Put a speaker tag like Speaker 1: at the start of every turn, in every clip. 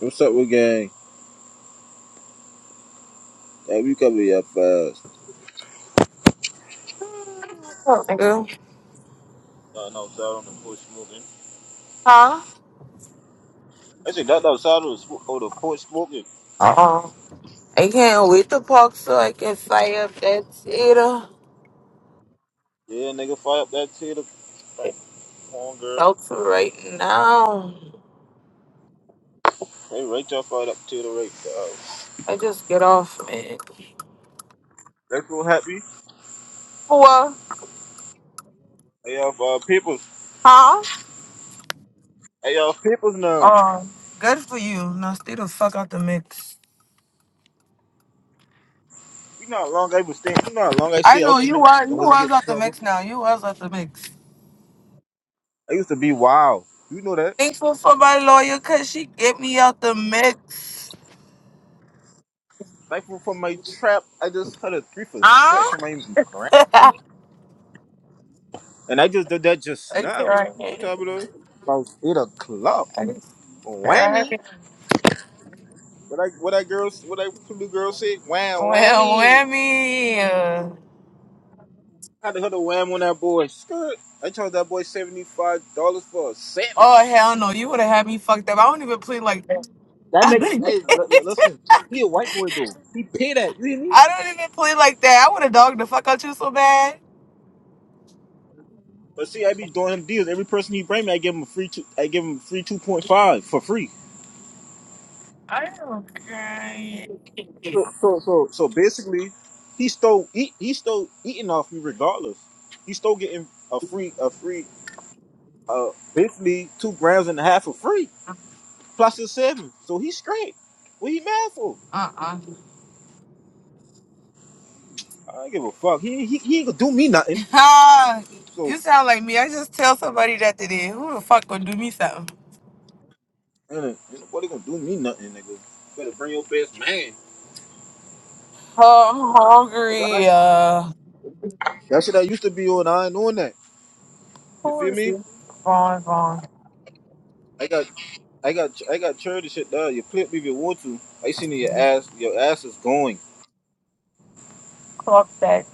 Speaker 1: What's up with gang? Hey, we cover your fast.
Speaker 2: What's up, nigga?
Speaker 1: Starting outside on the porch smoking.
Speaker 2: Huh?
Speaker 1: Actually, that outside of the, sm- oh, the porch smoking.
Speaker 2: Uh-uh. I can't wait to park so I can fire up that theater.
Speaker 1: Yeah, nigga, fire up that tater. Right
Speaker 2: It's
Speaker 1: on, girl.
Speaker 2: about to right now.
Speaker 1: Hey, right y'all fired up tater right dog.
Speaker 2: I just get off, man.
Speaker 1: That's so happy.
Speaker 2: What?
Speaker 1: Hey, y'all, uh, peoples.
Speaker 2: Huh?
Speaker 1: Hey, y'all, peoples now.
Speaker 2: Uh. good for you. Now stay the fuck out the mix.
Speaker 1: You know how long I was staying, you know how long I
Speaker 2: I
Speaker 1: stayed
Speaker 2: know
Speaker 1: out the
Speaker 2: you
Speaker 1: mix
Speaker 2: was you
Speaker 1: and wasn't
Speaker 2: was
Speaker 1: getting in
Speaker 2: out the
Speaker 1: trouble?
Speaker 2: mix now. You was out the mix.
Speaker 1: I used to be wild. You know that?
Speaker 2: Thankful for my lawyer cause she get me out the mix.
Speaker 1: Like from, from my trap, I just had a three for six
Speaker 2: Huh?
Speaker 1: from my grand. And I just did that just
Speaker 2: I
Speaker 1: now. What
Speaker 2: can't.
Speaker 1: time it is? About 8 o'clock.
Speaker 2: I
Speaker 1: Whammy.
Speaker 2: can't.
Speaker 1: What I what that girl what that blue girl said? Wham
Speaker 2: Wham,
Speaker 1: whammy.
Speaker 2: whammy.
Speaker 1: I had to hit a wham on that boy. Skirt. I charged that boy seventy five dollars for a sandwich.
Speaker 2: Oh hell no! You would have had me fucked up. I don't even play like that.
Speaker 1: That
Speaker 2: I
Speaker 1: nigga
Speaker 2: don't even,
Speaker 1: hey l- l- listen, he a white boy though. He pay that, Really?
Speaker 2: I don't even play like that. I would have dogged the fuck out you so bad.
Speaker 1: But see I be doing him deals. Every person he bring me, I give him a free two I give him a free two point five for free.
Speaker 2: I don't care.
Speaker 1: So so so so basically he stole he he stole eating off me regardless. He stole getting a free a free uh basically two grams and a half for free. plus a seven. So he's straight. What he mad for?
Speaker 2: Uh
Speaker 1: I don't give a fuck. He he he ain't gonna do me nothing.
Speaker 2: uh.
Speaker 1: So
Speaker 2: you sound like me. I just tell somebody that today. Who the fuck gonna do me something?
Speaker 1: and what gonna do me nothing, nigga? Better bring your best man.
Speaker 2: Oh, I'm
Speaker 1: 'Cause I
Speaker 2: hungry. Uh,
Speaker 1: that shit I used to be on. I ain't on that. You
Speaker 2: who
Speaker 1: feel
Speaker 2: is
Speaker 1: me?
Speaker 2: it? Wrong, wrong.
Speaker 1: I got I got I got charity shit done. You flip me if you want to. I seen your ass. Your ass is going.
Speaker 2: Clock that.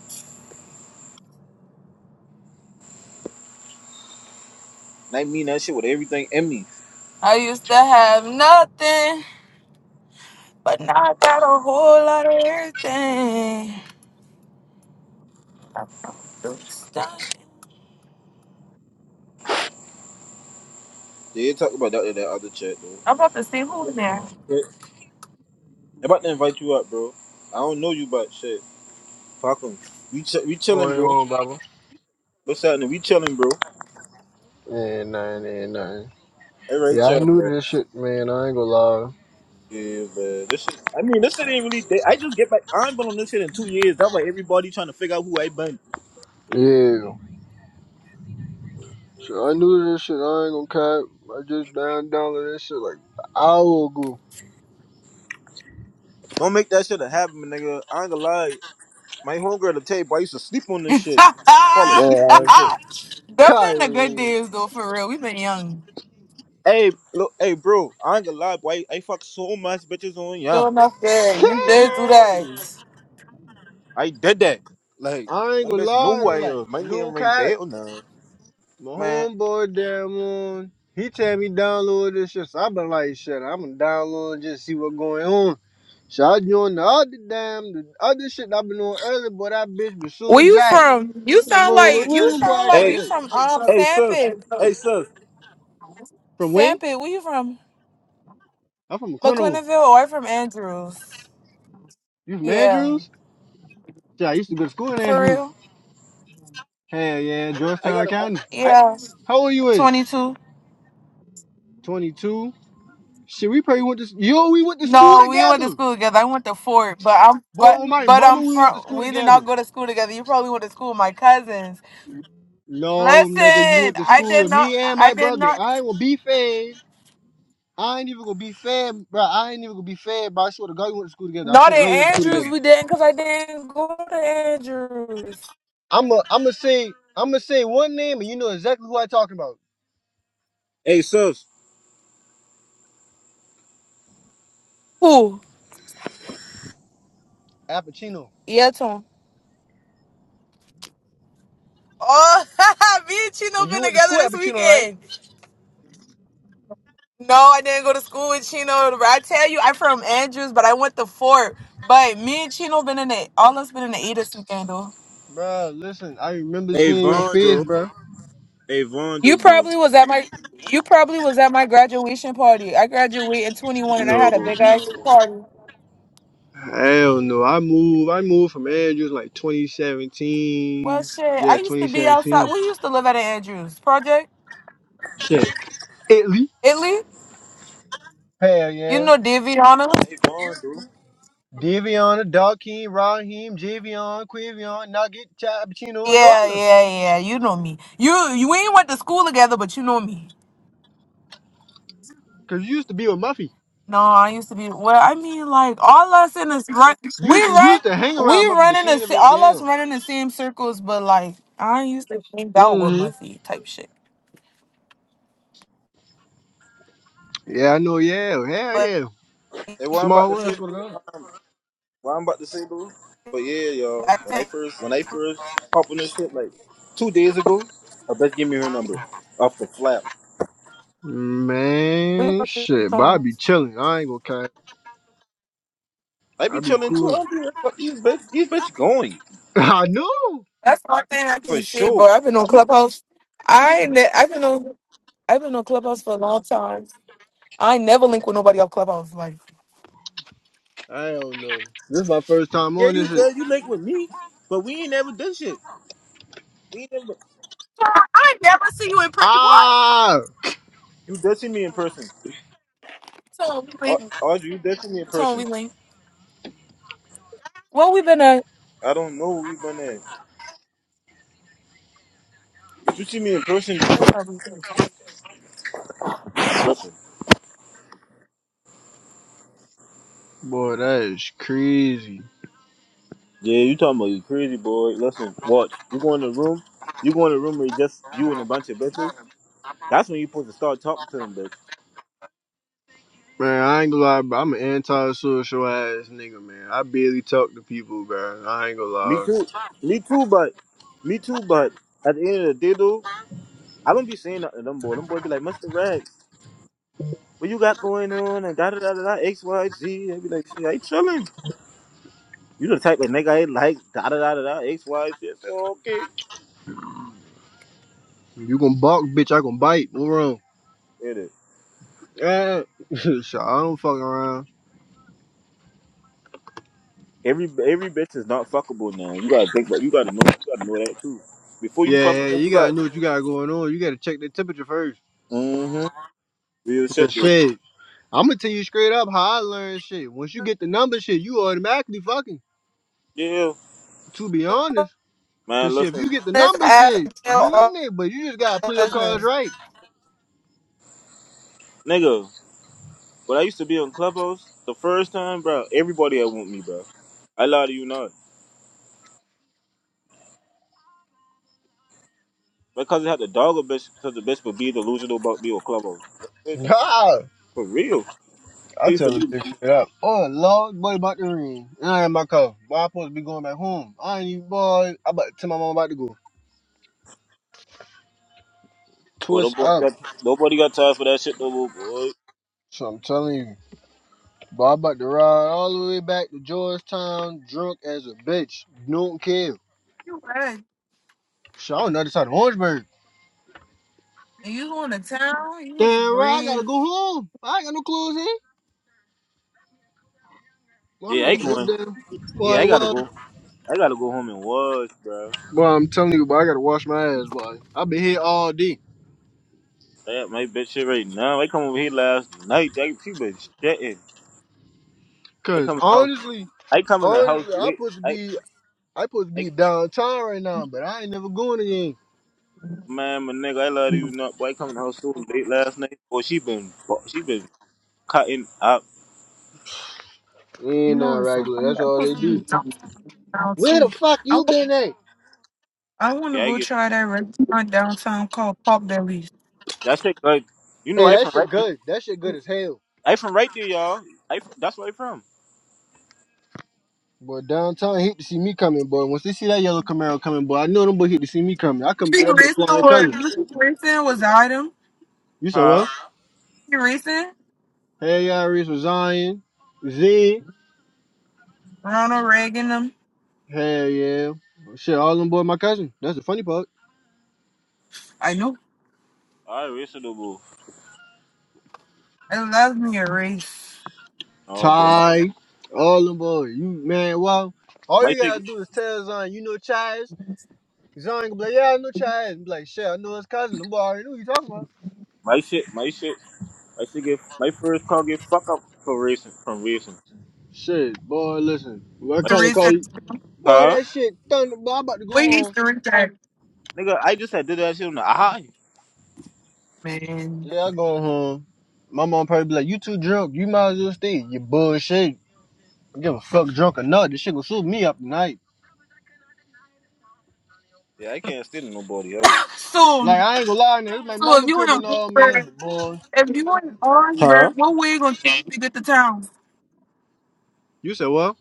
Speaker 1: And I mean that shit with everything in me.
Speaker 2: I used to have nothing, but now I got a whole lot of everything. I'm done.
Speaker 1: They did talk about that in that other chat though.
Speaker 2: I'm about to see who's there.
Speaker 1: Yeah. I'm about to invite you up, bro. I don't know you, but shit, fuck 'em. We ch- we chilling,
Speaker 3: going
Speaker 1: bro.
Speaker 3: on, Baba?
Speaker 1: What's happening? We chilling, bro.
Speaker 3: Yeah, nine, yeah, nine.
Speaker 1: Hey,
Speaker 3: Yeah,
Speaker 1: Rachel,
Speaker 3: I knew
Speaker 1: man.
Speaker 3: this shit, man. I ain't gonna lie.
Speaker 1: Yeah, man. This shit. I mean, this shit ain't really. dead. I just get back. I ain't been on this shit in two years. That's why everybody trying to figure out who I been.
Speaker 3: Yeah. So I knew this shit. I ain't gonna cap. I just down downloaded this shit like an hour ago.
Speaker 1: Don't make that shit a habit, my nigga. I ain't gonna lie. My homegirl, the tape, boy, I used to sleep on this
Speaker 2: Them
Speaker 1: shit. Fall asleep on this
Speaker 3: Man,
Speaker 1: shit.
Speaker 3: Kai.
Speaker 2: been the good days though, for real. We've been young.
Speaker 1: Hey, look, hey, bro. I ain't gonna lie, boy. I fuck so much bitches on yeah.
Speaker 2: Sure enough, good.
Speaker 3: Kai!
Speaker 2: You did do that.
Speaker 1: I did that. Like,
Speaker 3: I ain't
Speaker 1: them
Speaker 3: gonna
Speaker 1: bitch know
Speaker 3: lie,
Speaker 1: who
Speaker 3: though.
Speaker 1: I
Speaker 3: Like,
Speaker 1: am. My
Speaker 3: no
Speaker 1: name ring
Speaker 3: cap.
Speaker 1: bell now,
Speaker 3: My
Speaker 1: man.
Speaker 3: homeboy, damn on. He tell me download this shit. So I been like, shit, I'm gonna download and just see what going on. So I joined the other damn, the other shit I been on earlier, but that bitch was
Speaker 2: Where
Speaker 3: so
Speaker 2: you
Speaker 3: jacked.
Speaker 2: from? You
Speaker 3: This
Speaker 2: sound
Speaker 3: boy the
Speaker 2: like you
Speaker 3: wind
Speaker 2: sound
Speaker 3: black
Speaker 2: like
Speaker 3: like
Speaker 1: Hey,
Speaker 2: you
Speaker 3: that.
Speaker 2: from um
Speaker 1: hey, sus.
Speaker 2: Sampit.
Speaker 1: Hey, sus.
Speaker 3: From where?
Speaker 2: Sampit, where you from?
Speaker 3: I'm from McClendable.
Speaker 2: McClintonville or from Andrews?
Speaker 3: You from
Speaker 2: Yeah.
Speaker 3: Andrews? Yeah, I used to go to school in
Speaker 2: For
Speaker 3: Andrews.
Speaker 2: real?
Speaker 3: Hell yeah,
Speaker 1: I
Speaker 3: Georgetown
Speaker 1: gotta.
Speaker 3: County.
Speaker 1: I. I
Speaker 2: Yeah.
Speaker 3: How old you is?
Speaker 2: Twenty two.
Speaker 3: 22. Shit, we probably went to yo, we went to school
Speaker 2: No, we went to
Speaker 3: together.
Speaker 2: school together. I went to Fort, but I'm
Speaker 3: Boy,
Speaker 2: but
Speaker 3: on my
Speaker 2: but
Speaker 3: mama,
Speaker 2: I'm
Speaker 3: we went to
Speaker 2: from
Speaker 3: school
Speaker 2: we did not
Speaker 3: together.
Speaker 2: go to school together. You probably went to school with my cousins.
Speaker 3: No,
Speaker 2: Listen,
Speaker 3: nigga, you went to
Speaker 2: I
Speaker 3: school
Speaker 2: did
Speaker 3: with
Speaker 2: not.
Speaker 3: me and
Speaker 2: I
Speaker 3: my
Speaker 2: did
Speaker 3: brother.
Speaker 2: not.
Speaker 3: I ain't gonna be fed. I ain't even gonna be fed, bro. I ain't even gonna be fed, bro. I swear to God, we went to school together. I
Speaker 2: Not
Speaker 3: swear
Speaker 2: at
Speaker 3: to God, we went to school
Speaker 2: Andrews.
Speaker 3: together.
Speaker 2: We didn't because I didn't go to Andrews.
Speaker 3: I'm gonna, I'm gonna say, I'm gonna say one name, and you know exactly who i am talking about.
Speaker 1: hey, sus.
Speaker 2: Who?
Speaker 3: Appuccino.
Speaker 2: Yeah, Tom. Oh, me and Chino
Speaker 3: And
Speaker 2: been
Speaker 3: you went to
Speaker 2: together
Speaker 3: school
Speaker 2: this
Speaker 3: at Pacino, right?
Speaker 2: weekend. No, I didn't go to school with Chino. But I tell you, I'm from Andrews, but I went to Fort. But me and Chino been in the all us been in the E this weekend though.
Speaker 3: Bro, listen, I remember
Speaker 1: Hey,
Speaker 3: seeing your face,
Speaker 1: Vondo.
Speaker 3: bro.
Speaker 1: Hey,
Speaker 2: You
Speaker 1: Vondo, bro.
Speaker 2: probably was at my you probably was at my graduation party. I graduated in 21 and I
Speaker 3: No,
Speaker 2: had a big ass party.
Speaker 3: hell no. I moved. I moved from Andrews like
Speaker 2: Well,
Speaker 3: 2017.
Speaker 2: shit,
Speaker 3: Yeah,
Speaker 2: I used to be outside.
Speaker 3: 2017.
Speaker 2: We used to live at an Andrews project,
Speaker 3: Shit, Italy.
Speaker 2: Italy.
Speaker 3: Hell
Speaker 2: You
Speaker 3: yeah.
Speaker 2: know Daviana?
Speaker 1: They gone, dude.
Speaker 3: Devion, Darkeem, Raheem, Javion, Quivion, Nugget, Chad Pacino, and all
Speaker 2: Yeah,
Speaker 3: of them.
Speaker 2: yeah, yeah. You know me. You, you we ain't went to school together, but you know me.
Speaker 3: Cause you used to be with Muffy.
Speaker 2: No, I used to be. Well, I mean, like all us in this run,
Speaker 3: You
Speaker 2: we
Speaker 3: used to, you
Speaker 2: run,
Speaker 3: used to hang
Speaker 2: we
Speaker 3: around Muffy,
Speaker 2: run
Speaker 3: but
Speaker 2: in
Speaker 3: you
Speaker 2: the
Speaker 3: ain't
Speaker 2: sa-
Speaker 3: never.
Speaker 2: all us
Speaker 3: Yeah.
Speaker 2: run in the same circles, but like I used to hang out with
Speaker 3: Mm-hmm.
Speaker 2: Muzzy type shit.
Speaker 3: Yeah, I know. Yeah, hell
Speaker 2: But
Speaker 3: yeah.
Speaker 1: They what I'm about
Speaker 3: Small
Speaker 1: to
Speaker 3: world. I
Speaker 1: say,
Speaker 2: yeah,
Speaker 1: dude.
Speaker 3: swear to God.
Speaker 1: Um, what I'm about to say, dude. But yeah, yo,
Speaker 2: I
Speaker 1: when I
Speaker 2: think
Speaker 1: first, when I first hopped on this shit like two days ago, I bitch give me her number off the flap.
Speaker 2: we
Speaker 3: Man,
Speaker 2: fucking
Speaker 3: shit, but I be
Speaker 2: sometimes.
Speaker 3: chilling. I ain't gonna cap.
Speaker 1: I be
Speaker 3: I be
Speaker 1: chilling too. I
Speaker 3: cool.
Speaker 1: don't be worried about these bitch. These bitch going
Speaker 3: I know.
Speaker 2: That's one thing I
Speaker 1: for
Speaker 2: can say,
Speaker 1: sure.
Speaker 2: but I've been on Clubhouse. I ain't ne- I've been on. I've been on Clubhouse for a long time. I never link with nobody off Clubhouse. Like
Speaker 3: I don't know. This is my first time
Speaker 1: Yeah,
Speaker 3: on
Speaker 1: you
Speaker 3: this shit.
Speaker 1: did. You linked with me, but we ain't never done shit. We ain't never.
Speaker 2: I never see you in print. What?
Speaker 3: Ah,
Speaker 1: You did see me in person,
Speaker 2: Tone we
Speaker 1: Au-
Speaker 2: link.
Speaker 1: Audrey. You did see me in
Speaker 2: Tone we
Speaker 1: person.
Speaker 2: link. Well, we've been a.
Speaker 1: I don't know. We been there, but you see me in person.
Speaker 3: boy, that is crazy.
Speaker 1: Yeah, you talking about you crazy boy. Listen, watch. You go in the room. You go in the room where you just you and a bunch of bitches. That's when you supposed to start talking to them, bitch.
Speaker 3: Man, I ain't gonna lie, bro. I'm an anti-social ass nigga, man. I barely talk to people, bro. I ain't gonna
Speaker 1: Me
Speaker 3: lie.
Speaker 1: too. Me too. But me too. But at the end of the day, though, I don't be saying nothing to them boy. Them boy be like, Mister Rags, what you got going on? And da da da da da X Y Z. They be like, shit, I ain't chilling. You the type of nigga I like da da da da da X Y Z. I say, okay.
Speaker 3: You gonna bark, bitch? I gonna bite. What wrong?
Speaker 1: It is.
Speaker 3: Yeah, shit, I don't fuck around.
Speaker 1: Every every bitch is not fuckable now. You gotta think that. You gotta know. You gotta know that too. Before you fuck a
Speaker 3: Yeah, yeah,
Speaker 1: bitch,
Speaker 3: you
Speaker 1: you
Speaker 3: gotta
Speaker 1: got.
Speaker 3: know what you got going on. You gotta check the temperature first.
Speaker 1: Mm-hmm. Real shit, dude.
Speaker 3: Shit. I'm gonna tell you straight up how I learned shit. Once you get the number shit, you automatically fucking.
Speaker 1: Yeah,
Speaker 3: To be honest, cause
Speaker 1: man.
Speaker 3: shit, if you
Speaker 1: Listen,
Speaker 3: get the
Speaker 2: This
Speaker 3: number
Speaker 2: app
Speaker 3: shit,
Speaker 2: and tell
Speaker 3: you in there, but you just gotta
Speaker 2: all
Speaker 3: play your cards
Speaker 2: business.
Speaker 3: right.
Speaker 1: nigga. When I used to be on Clubhouse, the first time, bro, everybody I want me, bro. I lie to you not. Because I had to dog a bitch, because the bitch would be delusional about me on Clubhouse. Like, bitch,
Speaker 3: Nah,
Speaker 1: for real. I
Speaker 3: I
Speaker 1: used to
Speaker 3: tell the
Speaker 1: be.
Speaker 3: bitch straight up. Oh Lord, boy, about to ring, and I had my car. Boy, I supposed to be going back home. I ain't even boy. I about to tell my mom about to go
Speaker 1: Well,
Speaker 3: twist
Speaker 1: nobody
Speaker 3: up.
Speaker 1: got nobody got time for that shit no more, boy.
Speaker 3: So I'm telling you, boy, I about to ride all the way back to Georgetown, drunk as a bitch. Don't care.
Speaker 2: You read.
Speaker 3: So I on the other side of Orangeburg.
Speaker 2: And you going to town? You was
Speaker 3: Damn right, I gotta
Speaker 2: brave.
Speaker 3: go home. I ain't got no clothes here. Boy,
Speaker 1: Yeah,
Speaker 3: I
Speaker 1: I
Speaker 3: ain't
Speaker 1: ain't
Speaker 3: got
Speaker 1: going.
Speaker 3: no damn.
Speaker 1: Yeah,
Speaker 3: Boy,
Speaker 1: I gotta
Speaker 3: well,
Speaker 1: go. I gotta go home and wash, bro.
Speaker 3: boy, I'm telling you, boy, I gotta wash my ass, boy. i been here all day.
Speaker 1: That my bitch shit right now. I come over here last night. That she been shitting. I
Speaker 3: Cause
Speaker 1: come in the house.
Speaker 3: honestly,
Speaker 1: I come in the house
Speaker 3: honestly, I
Speaker 1: late.
Speaker 3: supposed to
Speaker 1: I,
Speaker 3: be, I supposed to
Speaker 1: I
Speaker 3: be downtown right now, but I ain't never going again.
Speaker 1: Man, my nigga, I love you.
Speaker 2: You
Speaker 1: Not boy coming out so late last night. Boy, she been she been cutting up.
Speaker 3: Ain't
Speaker 2: know
Speaker 3: not
Speaker 2: it's so
Speaker 3: regular.
Speaker 2: funny.
Speaker 3: That's
Speaker 2: I'm
Speaker 3: all
Speaker 2: supposed
Speaker 3: they
Speaker 2: to be
Speaker 3: do.
Speaker 2: downtown
Speaker 3: Where the
Speaker 2: too.
Speaker 3: fuck
Speaker 2: I
Speaker 3: you
Speaker 2: wa-
Speaker 3: been at?
Speaker 2: I want to
Speaker 1: Yeah, I
Speaker 2: go
Speaker 1: get
Speaker 2: try that restaurant downtown called Pop Bellies.
Speaker 1: that shit Like, You know,
Speaker 3: Hey,
Speaker 1: I
Speaker 3: that
Speaker 1: from
Speaker 3: shit
Speaker 1: right,
Speaker 3: good. That shit good as hell.
Speaker 1: I from right there, y'all. I that's where I from.
Speaker 3: Boy, downtown hate to see me coming, boy. Once they see that yellow Camaro coming, boy, I know them boy hate to see me coming. I come
Speaker 2: She
Speaker 3: through that bitch
Speaker 2: racing
Speaker 3: flying
Speaker 2: or
Speaker 3: colors.
Speaker 2: you racing was item.
Speaker 3: You said what?
Speaker 1: Huh?
Speaker 2: She racing
Speaker 3: Hell yeah, Reese was Zion. Z.
Speaker 2: Ronald Reagan them.
Speaker 3: Hell yeah. Shit, all them boy, my cousin. That's the funny part.
Speaker 2: I know.
Speaker 1: I reasonable.
Speaker 2: I love me a race.
Speaker 1: Oh boy, no.
Speaker 3: Ty. All them boy. You man, wow. All
Speaker 1: My
Speaker 3: you
Speaker 1: shit,
Speaker 3: gotta do is tell Zion, you know Chaz. Zion gonna be like, yeah, I know Chaz. And Be like, shit, I know his cousin. Them boy already know who you talking about.
Speaker 1: my shit, my shit, my shit get my first car get fucked up for racing from racing.
Speaker 3: Shit, boy, listen. What
Speaker 1: Like,
Speaker 2: The
Speaker 3: kind of
Speaker 2: race
Speaker 3: call you?
Speaker 2: that-
Speaker 3: Boy,
Speaker 1: huh?
Speaker 3: that shit thunder, boy. I'm about to go
Speaker 2: we used
Speaker 3: home.
Speaker 2: to race at,
Speaker 1: Nigga, I just had did that shit on the high.
Speaker 2: man.
Speaker 3: Yeah, I go home. My mom probably be like, you too drunk. You might as well stay. You bullshit. I don't give a fuck drunk or not. This shit gonna shoot me up tonight.
Speaker 1: Yeah, I can't stand nobody else.
Speaker 3: Like
Speaker 2: So
Speaker 3: I ain't gonna lie, nigga, it's my
Speaker 2: so if
Speaker 3: mama
Speaker 2: you in
Speaker 3: crib and all, man.
Speaker 2: Orangeburg,
Speaker 3: But boy,
Speaker 2: if you in
Speaker 1: Huh?
Speaker 2: Orangeburg, what way it gonna take you to get to town?
Speaker 3: you said what?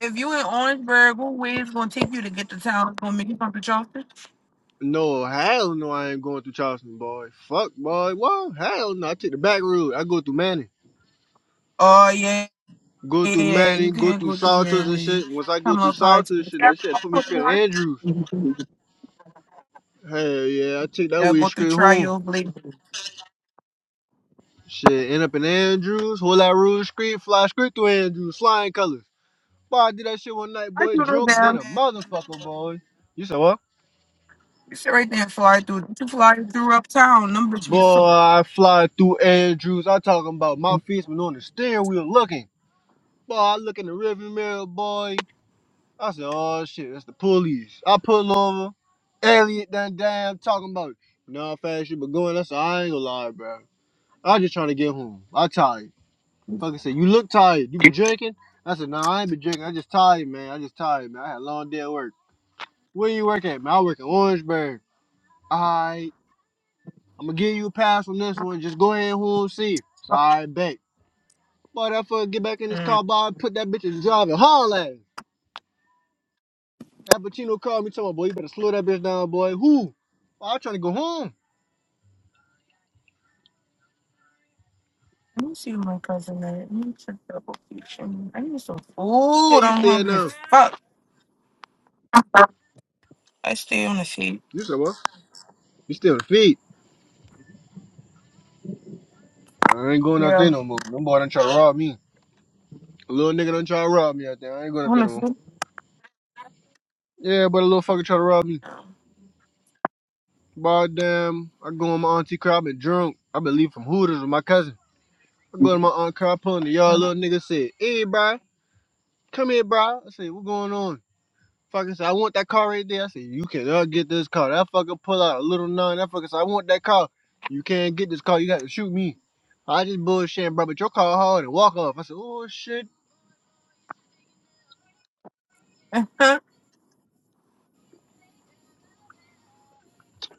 Speaker 2: If you in Orangeburg, what way is gonna take you to get to town? It's gonna make you come to Charleston?
Speaker 3: No, hell no, I ain't going through Charleston, boy. Fuck, boy. What? Hell no, I take the back road. I go through Manning,
Speaker 2: Oh yeah,
Speaker 3: go
Speaker 2: yeah,
Speaker 3: through
Speaker 2: yeah. You
Speaker 3: Manning, go
Speaker 2: can't
Speaker 3: through
Speaker 2: go through
Speaker 3: Salters and
Speaker 2: Maryland.
Speaker 3: shit. Once I go
Speaker 2: Come
Speaker 3: through
Speaker 2: up high
Speaker 3: Salters, and shit, that shit put me straight in Andrews. Hell yeah, I take that
Speaker 2: Yeah,
Speaker 3: way
Speaker 2: go through
Speaker 3: straight home.
Speaker 2: Trial Blade.
Speaker 3: Shit, end up in Andrews, whole that Rouge Street, fly straight through Andrews, flying colors. Boy, I did that shit one night,
Speaker 2: I
Speaker 3: boy,
Speaker 2: do know
Speaker 3: drunk, then
Speaker 2: that
Speaker 3: a
Speaker 2: man.
Speaker 3: motherfucker, boy. You said what?
Speaker 2: You sit right there and fly through. You fly through uptown. Them bitch be
Speaker 3: Boy,
Speaker 2: so.
Speaker 3: I fly through Andrews. I talking about my feet's been on the steering wheel looking. Boy, I look in the rearview mirror, boy. I said, oh shit, that's the police. I pull over. Elliot done damn talking about, you know how fast you been going? I said, I ain't gonna lie, bro. I just trying to get home. I tired. Fucking said, you look tired. You been drinking? I said, nah, I ain't been drinking. I just tired, man. I just tired, man. I had a long day at work. Where you work at, man? I work in Orangeburg. All right. I'm gonna give you a pass on this one. Just go ahead and home see. All right, bet. Boy, that fucker get back in his car, boy, put that bitch in driving. and haul That Pacino called me, told me, boy, you better slow that bitch down, boy. Who? Boy, I'm trying to go home.
Speaker 2: Let me see who my cousin is. Let me check the location. I need some
Speaker 3: Hey,
Speaker 2: food.
Speaker 3: you
Speaker 2: I'm
Speaker 3: stay at
Speaker 2: hungry as
Speaker 3: now.
Speaker 2: fuck. I stay on the seat.
Speaker 3: You said what? You stay on the feet. I ain't going out
Speaker 2: Yeah.
Speaker 3: there no more. Them boy done try to rob me. A little nigga done try to rob me out there. I ain't going out
Speaker 2: On
Speaker 3: there
Speaker 2: the
Speaker 3: no more.
Speaker 2: seat.
Speaker 3: Yeah, but a little fucker try to rob me. Boy, damn, I go on my auntie car, I been drunk. I been leaving from Hooters with my cousin. I go to my aunt car, I pull in the yard, little nigga said, hey, bro, come here, bro. I said, what going on? Fucker said, I want that car right there. I said, you cannot get this car. That fucker pull out a little nine. That fucker said, I want that car. You can't get this car. You got to shoot me. I just bullshitting, bro, but your car hard and walk off. I said, oh, shit.
Speaker 2: Huh?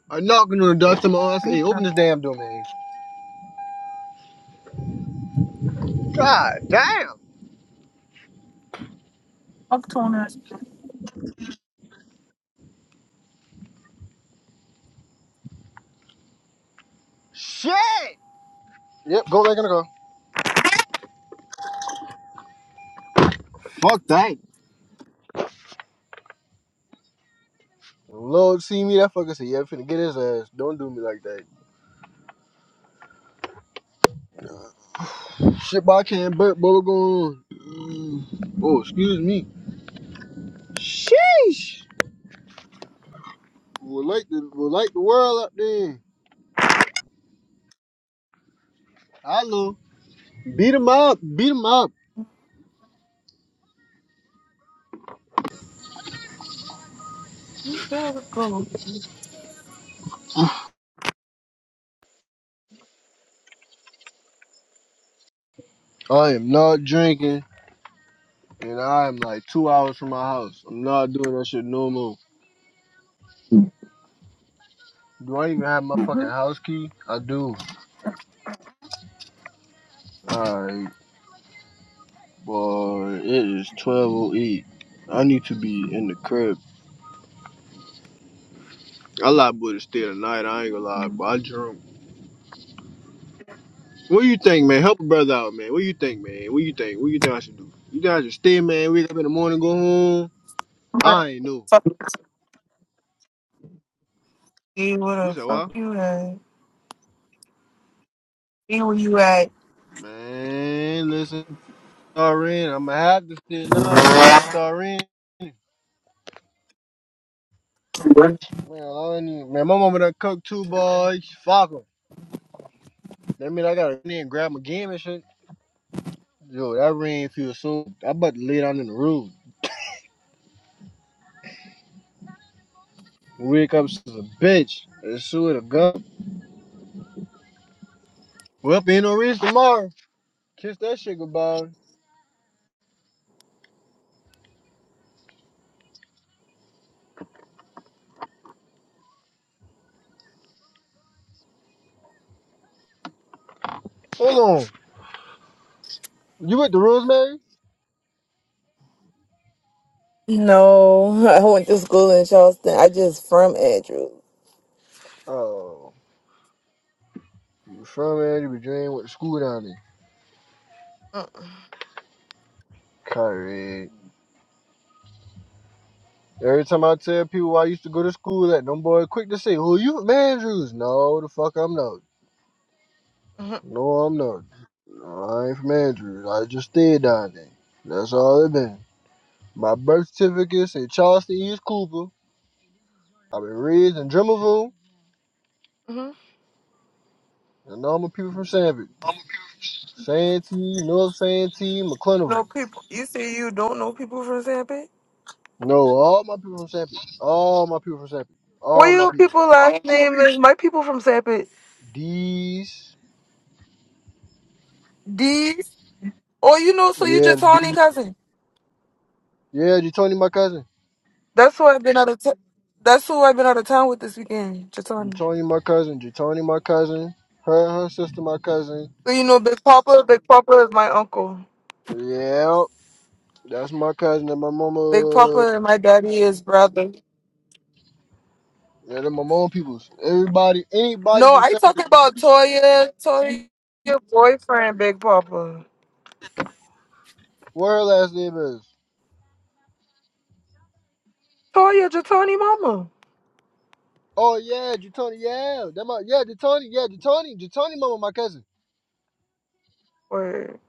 Speaker 3: I knocking on the door. Someone I said,
Speaker 2: I'm
Speaker 3: hey, open this damn door, man.
Speaker 2: up to that.
Speaker 3: Shit! Yep, go back in the car. Fuck that. Lord, see me, that fucker said, yeah, I'm finna get his ass. Don't do me like that. Shit, boy, I can't burp, but we're going. Mm. Oh, excuse me. Sheesh! We like the, we like the world up there. Hello. Beat him up. Beat him up.
Speaker 2: You better go.
Speaker 3: I am not drinking, and I am like two hours from my house. I'm not doing that shit no more. Do I even have my fucking
Speaker 2: Mm-hmm.
Speaker 3: house key? I do. Alright, boy, it is 12.08. I need to be in the crib. I lied, boy, to stay tonight. I ain't gonna lie, but I drunk. What do you think, man? Help a brother out, man. What do you think, man? What do you think? What do you think I should do? You think I should stay, man? Wake up in the morning, go home?
Speaker 2: But
Speaker 3: I ain't know.
Speaker 2: fuck you. Where
Speaker 3: You
Speaker 2: the
Speaker 3: said
Speaker 2: fuck
Speaker 3: what?
Speaker 2: you at? See where you at?
Speaker 3: Man, listen. Star in. I'm gonna have to sit down, boy. Just star in. Man, I don't even, man, my mama done cooked two boys. Fuck 'em. That mean I gotta in and grab my game and shit. Yo, that rain feel so. I about to lay down in the room. Wake up, she's a bitch. It's sue the gun. We up in no reach tomorrow. Kiss that shit goodbye. Hold on. You with the Rosemary?
Speaker 2: No, I went to school in Charleston. I just from Andrews.
Speaker 3: Oh, you from man? You be dreaming with the school down there. Kyrie. Every time I tell people I used to go to school at, them boy quick to say, "Who you from Andrews?" No, the fuck I'm not.
Speaker 2: Mm-hmm.
Speaker 3: No, I'm not. No, I ain't from Andrews. I just stayed down there. That's all it been. My birth certificate say Charleston East Cooper. I've been raised in Drummondville,
Speaker 2: You
Speaker 3: and all my people from Sanford, Santee, North Santee,
Speaker 2: know
Speaker 3: McClintock.
Speaker 2: people. You say you don't know people from Zappy?
Speaker 3: No, all my people from Sanford. All my people from Sanford.
Speaker 2: What
Speaker 3: All my
Speaker 2: your
Speaker 3: people.
Speaker 2: people last name is? My people from Sapit.
Speaker 3: D's.
Speaker 2: These. Oh, you know, so you
Speaker 3: Yeah, the
Speaker 2: Jatani
Speaker 3: D's.
Speaker 2: cousin.
Speaker 3: Yeah, you Tony, my cousin.
Speaker 2: That's who I've been out of. T- that's who I've been out of town with this weekend, Jatani.
Speaker 3: Tony, my cousin. Tony, my cousin. Her, and her sister, my cousin.
Speaker 2: So you know, Big Papa. Big Papa is my uncle.
Speaker 3: Yep, that's my cousin and my
Speaker 2: Big
Speaker 3: mama.
Speaker 2: Papa and my daddy is brother.
Speaker 3: Yeah, they're my mom peoples. Everybody, anybody
Speaker 2: No,
Speaker 3: from
Speaker 2: I
Speaker 3: Sanford,
Speaker 2: talk about Toya. Toya, your boyfriend, Big Papa.
Speaker 3: what her last name is.
Speaker 2: Toya, Jatani mama.
Speaker 3: Oh yeah, Jatoni. Yeah, that my yeah Jatoni. Yeah, Jatoni. Jatoni, mama, my cousin.
Speaker 2: Word.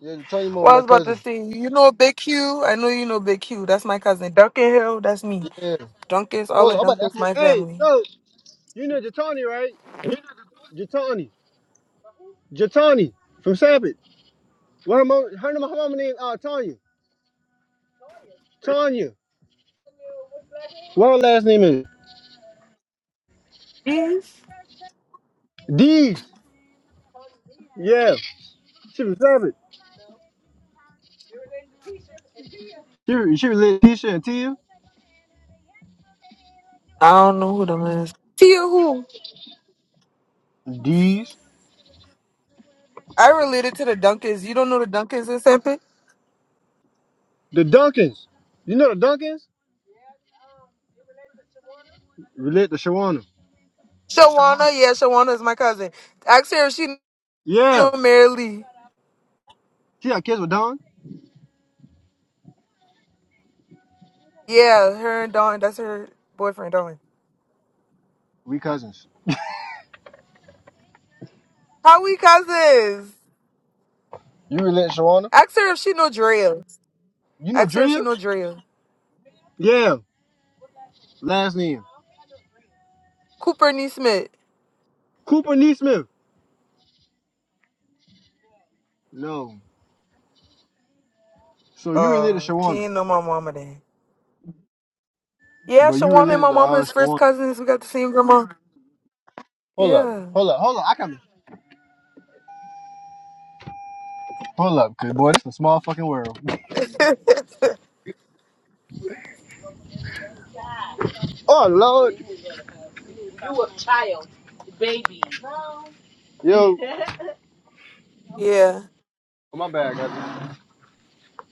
Speaker 3: Yeah, Jatoni, mama,
Speaker 2: Well, I
Speaker 3: my
Speaker 2: was about to
Speaker 3: cousin.
Speaker 2: say, you know Big Q. I know you know Big Q. That's my cousin. Duncan Hill. That's me.
Speaker 3: Yeah.
Speaker 2: Duncan's all
Speaker 3: Hold on,
Speaker 2: of
Speaker 3: I'm about to ask.
Speaker 2: Duncan's
Speaker 3: My,
Speaker 2: my
Speaker 3: hey,
Speaker 2: family.
Speaker 3: no, you know Jatoni, right? Jatoni. Jatoni from Sanford. What her mom? Her, her mama name? Uh, Tanya. Tanya. What her last name is?
Speaker 2: Yes.
Speaker 3: Dees. Yeah. She was savage. She she related Tisha and Tia.
Speaker 2: I don't know who them is. Tia who?
Speaker 3: D's,
Speaker 2: I related to the Duncans. You don't know the Duncans in Sanford?
Speaker 3: The Duncans. You know the Duncans? Relate to Shawana.
Speaker 2: Shawana, yeah, Shawana is my cousin. Ask her if she
Speaker 3: Yeah.
Speaker 2: know Mary Lee.
Speaker 3: She had kids with Don.
Speaker 2: Yeah, her and Dawn. That's her boyfriend, Dawn.
Speaker 3: We cousins.
Speaker 2: How we cousins?
Speaker 3: You relate to Shawana?
Speaker 2: Ask her if she know Drea.
Speaker 3: You know
Speaker 2: Ask her if she
Speaker 3: Drea?
Speaker 2: know Drea.
Speaker 3: Yeah. Last name.
Speaker 2: Cooper Nee Smith.
Speaker 3: Cooper Neesmith. No. So you related
Speaker 2: Uh,
Speaker 3: to
Speaker 2: she
Speaker 3: Shawana.
Speaker 2: ain't know my mama then. Yeah,
Speaker 3: But you
Speaker 2: Shawana and
Speaker 3: related
Speaker 2: my
Speaker 3: to
Speaker 2: mama
Speaker 3: uh
Speaker 2: is first
Speaker 3: Shawana.
Speaker 2: cousins. We got the same grandma.
Speaker 3: Hold up.
Speaker 2: Yeah.
Speaker 3: Hold up. Hold up. I come. Hold up, cause boy, this is a small fucking world. Oh Lord. You a child. Baby. Yo.
Speaker 2: yeah.
Speaker 3: my bad, guys.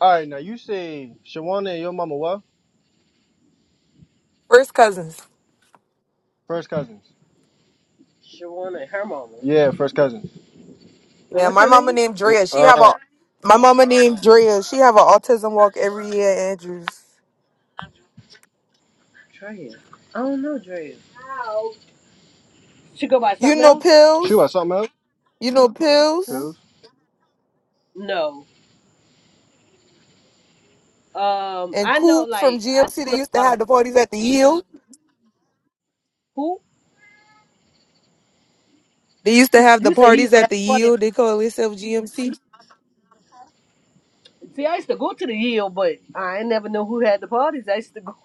Speaker 3: All right, now you say Shawana and your mama what?
Speaker 2: First cousins.
Speaker 3: First cousins. Shawana and her mama. Yeah, first cousins. And
Speaker 2: Yeah,
Speaker 3: what's
Speaker 2: my
Speaker 3: her
Speaker 2: mama
Speaker 3: name?
Speaker 2: named Drea. She have a
Speaker 3: Uh,
Speaker 2: my mama named Drea. She have an autism walk every year, Andrews.
Speaker 3: Drea. I don't know Drea. How? She go by
Speaker 2: You
Speaker 3: something
Speaker 2: know
Speaker 3: else? she
Speaker 2: pills?
Speaker 3: was something else.
Speaker 2: You know
Speaker 3: Huh?
Speaker 2: pills?
Speaker 3: No. Um,
Speaker 2: And
Speaker 3: I know,
Speaker 2: Coop from
Speaker 3: like, I
Speaker 2: GMC,
Speaker 3: just
Speaker 2: they
Speaker 3: know
Speaker 2: used to
Speaker 3: a lot of
Speaker 2: have the parties at the yield.
Speaker 3: who.
Speaker 2: They used to
Speaker 3: He,
Speaker 2: have the
Speaker 3: you say he
Speaker 2: parties
Speaker 3: used to
Speaker 2: at
Speaker 3: have
Speaker 2: the
Speaker 3: the party.
Speaker 2: yield. They call themselves GMC.
Speaker 3: See, I used to go to the yield, but I ain't never know who had the parties. I used to go.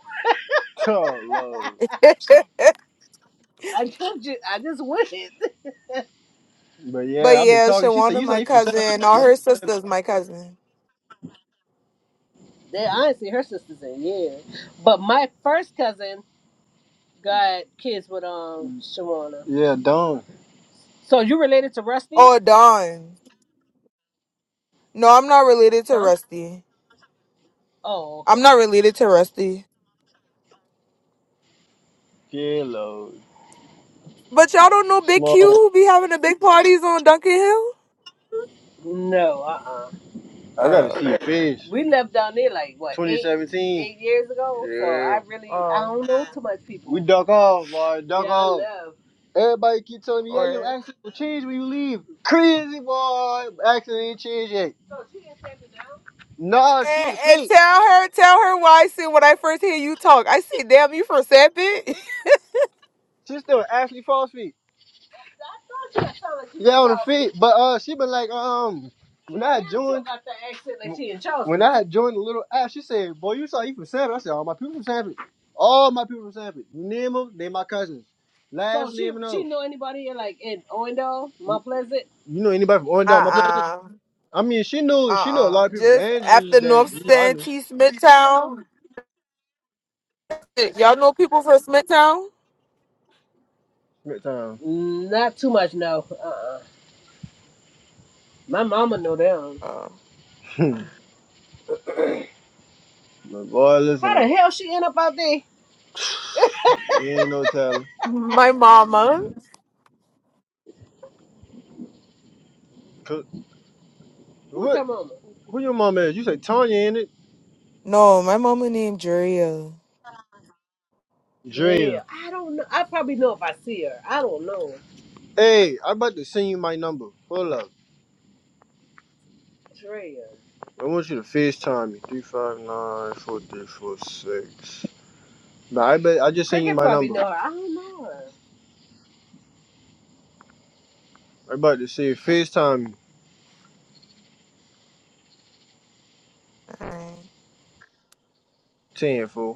Speaker 3: oh lord.
Speaker 2: but
Speaker 3: I just, I just went. But yeah, I've been
Speaker 2: yeah,
Speaker 3: talking. She said,
Speaker 2: Shawana,
Speaker 3: "You sound
Speaker 2: my
Speaker 3: like you from South
Speaker 2: cousin. All
Speaker 3: Shore."
Speaker 2: her sisters, my cousin.
Speaker 3: They, I ain't see her sisters in years. But my first cousin got kids with um Shawana. Yeah, Dawn. So you related to Rusty?
Speaker 2: Oh, Dawn. No, I'm not related to
Speaker 3: Huh?
Speaker 2: Rusty.
Speaker 3: Oh,
Speaker 2: I'm
Speaker 3: okay.
Speaker 2: not related to Rusty.
Speaker 3: Yeah, Lord.
Speaker 2: But y'all don't know Big
Speaker 3: Small.
Speaker 2: Q who be having the big parties on Duncan Hill?
Speaker 3: No, uh uh I gotta
Speaker 2: Uh,
Speaker 3: see fish. We left down there like what twenty seventeen. eight 2017. eight years ago I really, I
Speaker 2: oh.
Speaker 3: don't know too much people. We duck off, boy. Duck Yeah, off. Everybody keep telling me, yeah, your
Speaker 2: Or
Speaker 3: accent will change when you leave. Crazy, boy. Accent ain't changed yet. So she didn't set me down? Nah, she
Speaker 2: and,
Speaker 3: on the
Speaker 2: and
Speaker 3: feet.
Speaker 2: tell her, tell her why I said when I first hear you talk, I said, "Damn, you from Sapit."
Speaker 3: She's still Ashley Foss feet. Yeah, on the feet. But uh, she been like, um, when I joined, when I joined the little app, she said, "Boy, you saw you from Sanford." I said, "All my people from Sanford. All my people from Sanford. You name them, they my cousins. Last so she, name and she all. Know anybody in like in Orlando, Mount Pleasant? You know anybody from
Speaker 2: Uh
Speaker 3: Orlando? My Pleasant?
Speaker 2: uh-uh.
Speaker 3: I mean, she
Speaker 2: uh.
Speaker 3: knew she knew a lot
Speaker 2: uh.
Speaker 3: of people from
Speaker 2: Just
Speaker 3: Andrews
Speaker 2: after
Speaker 3: that
Speaker 2: North
Speaker 3: you know I knew.
Speaker 2: Santee, Smithtown. Shit, Y'all know people from Smithtown?
Speaker 3: at the time. not too much. No, uh, uh my mama know them.
Speaker 2: Oh.
Speaker 3: My boy, listen, How the hell she end up out there? you ain't no telling.
Speaker 2: My mama.
Speaker 3: Who's your mama? Who your mom is? You say Tanya in it?
Speaker 2: No, my mama named Juria.
Speaker 3: Yeah, Dream. Yeah, I don't know. I probably know if I see her. I don't know. Hey, I'm about to send you my number. Hold up. Drea. I want you to FaceTime me. Three five nine four three four six. Nah, I bet I just sent you my number. know her. I don't know her. I'm about to say FaceTime me. Ten fool.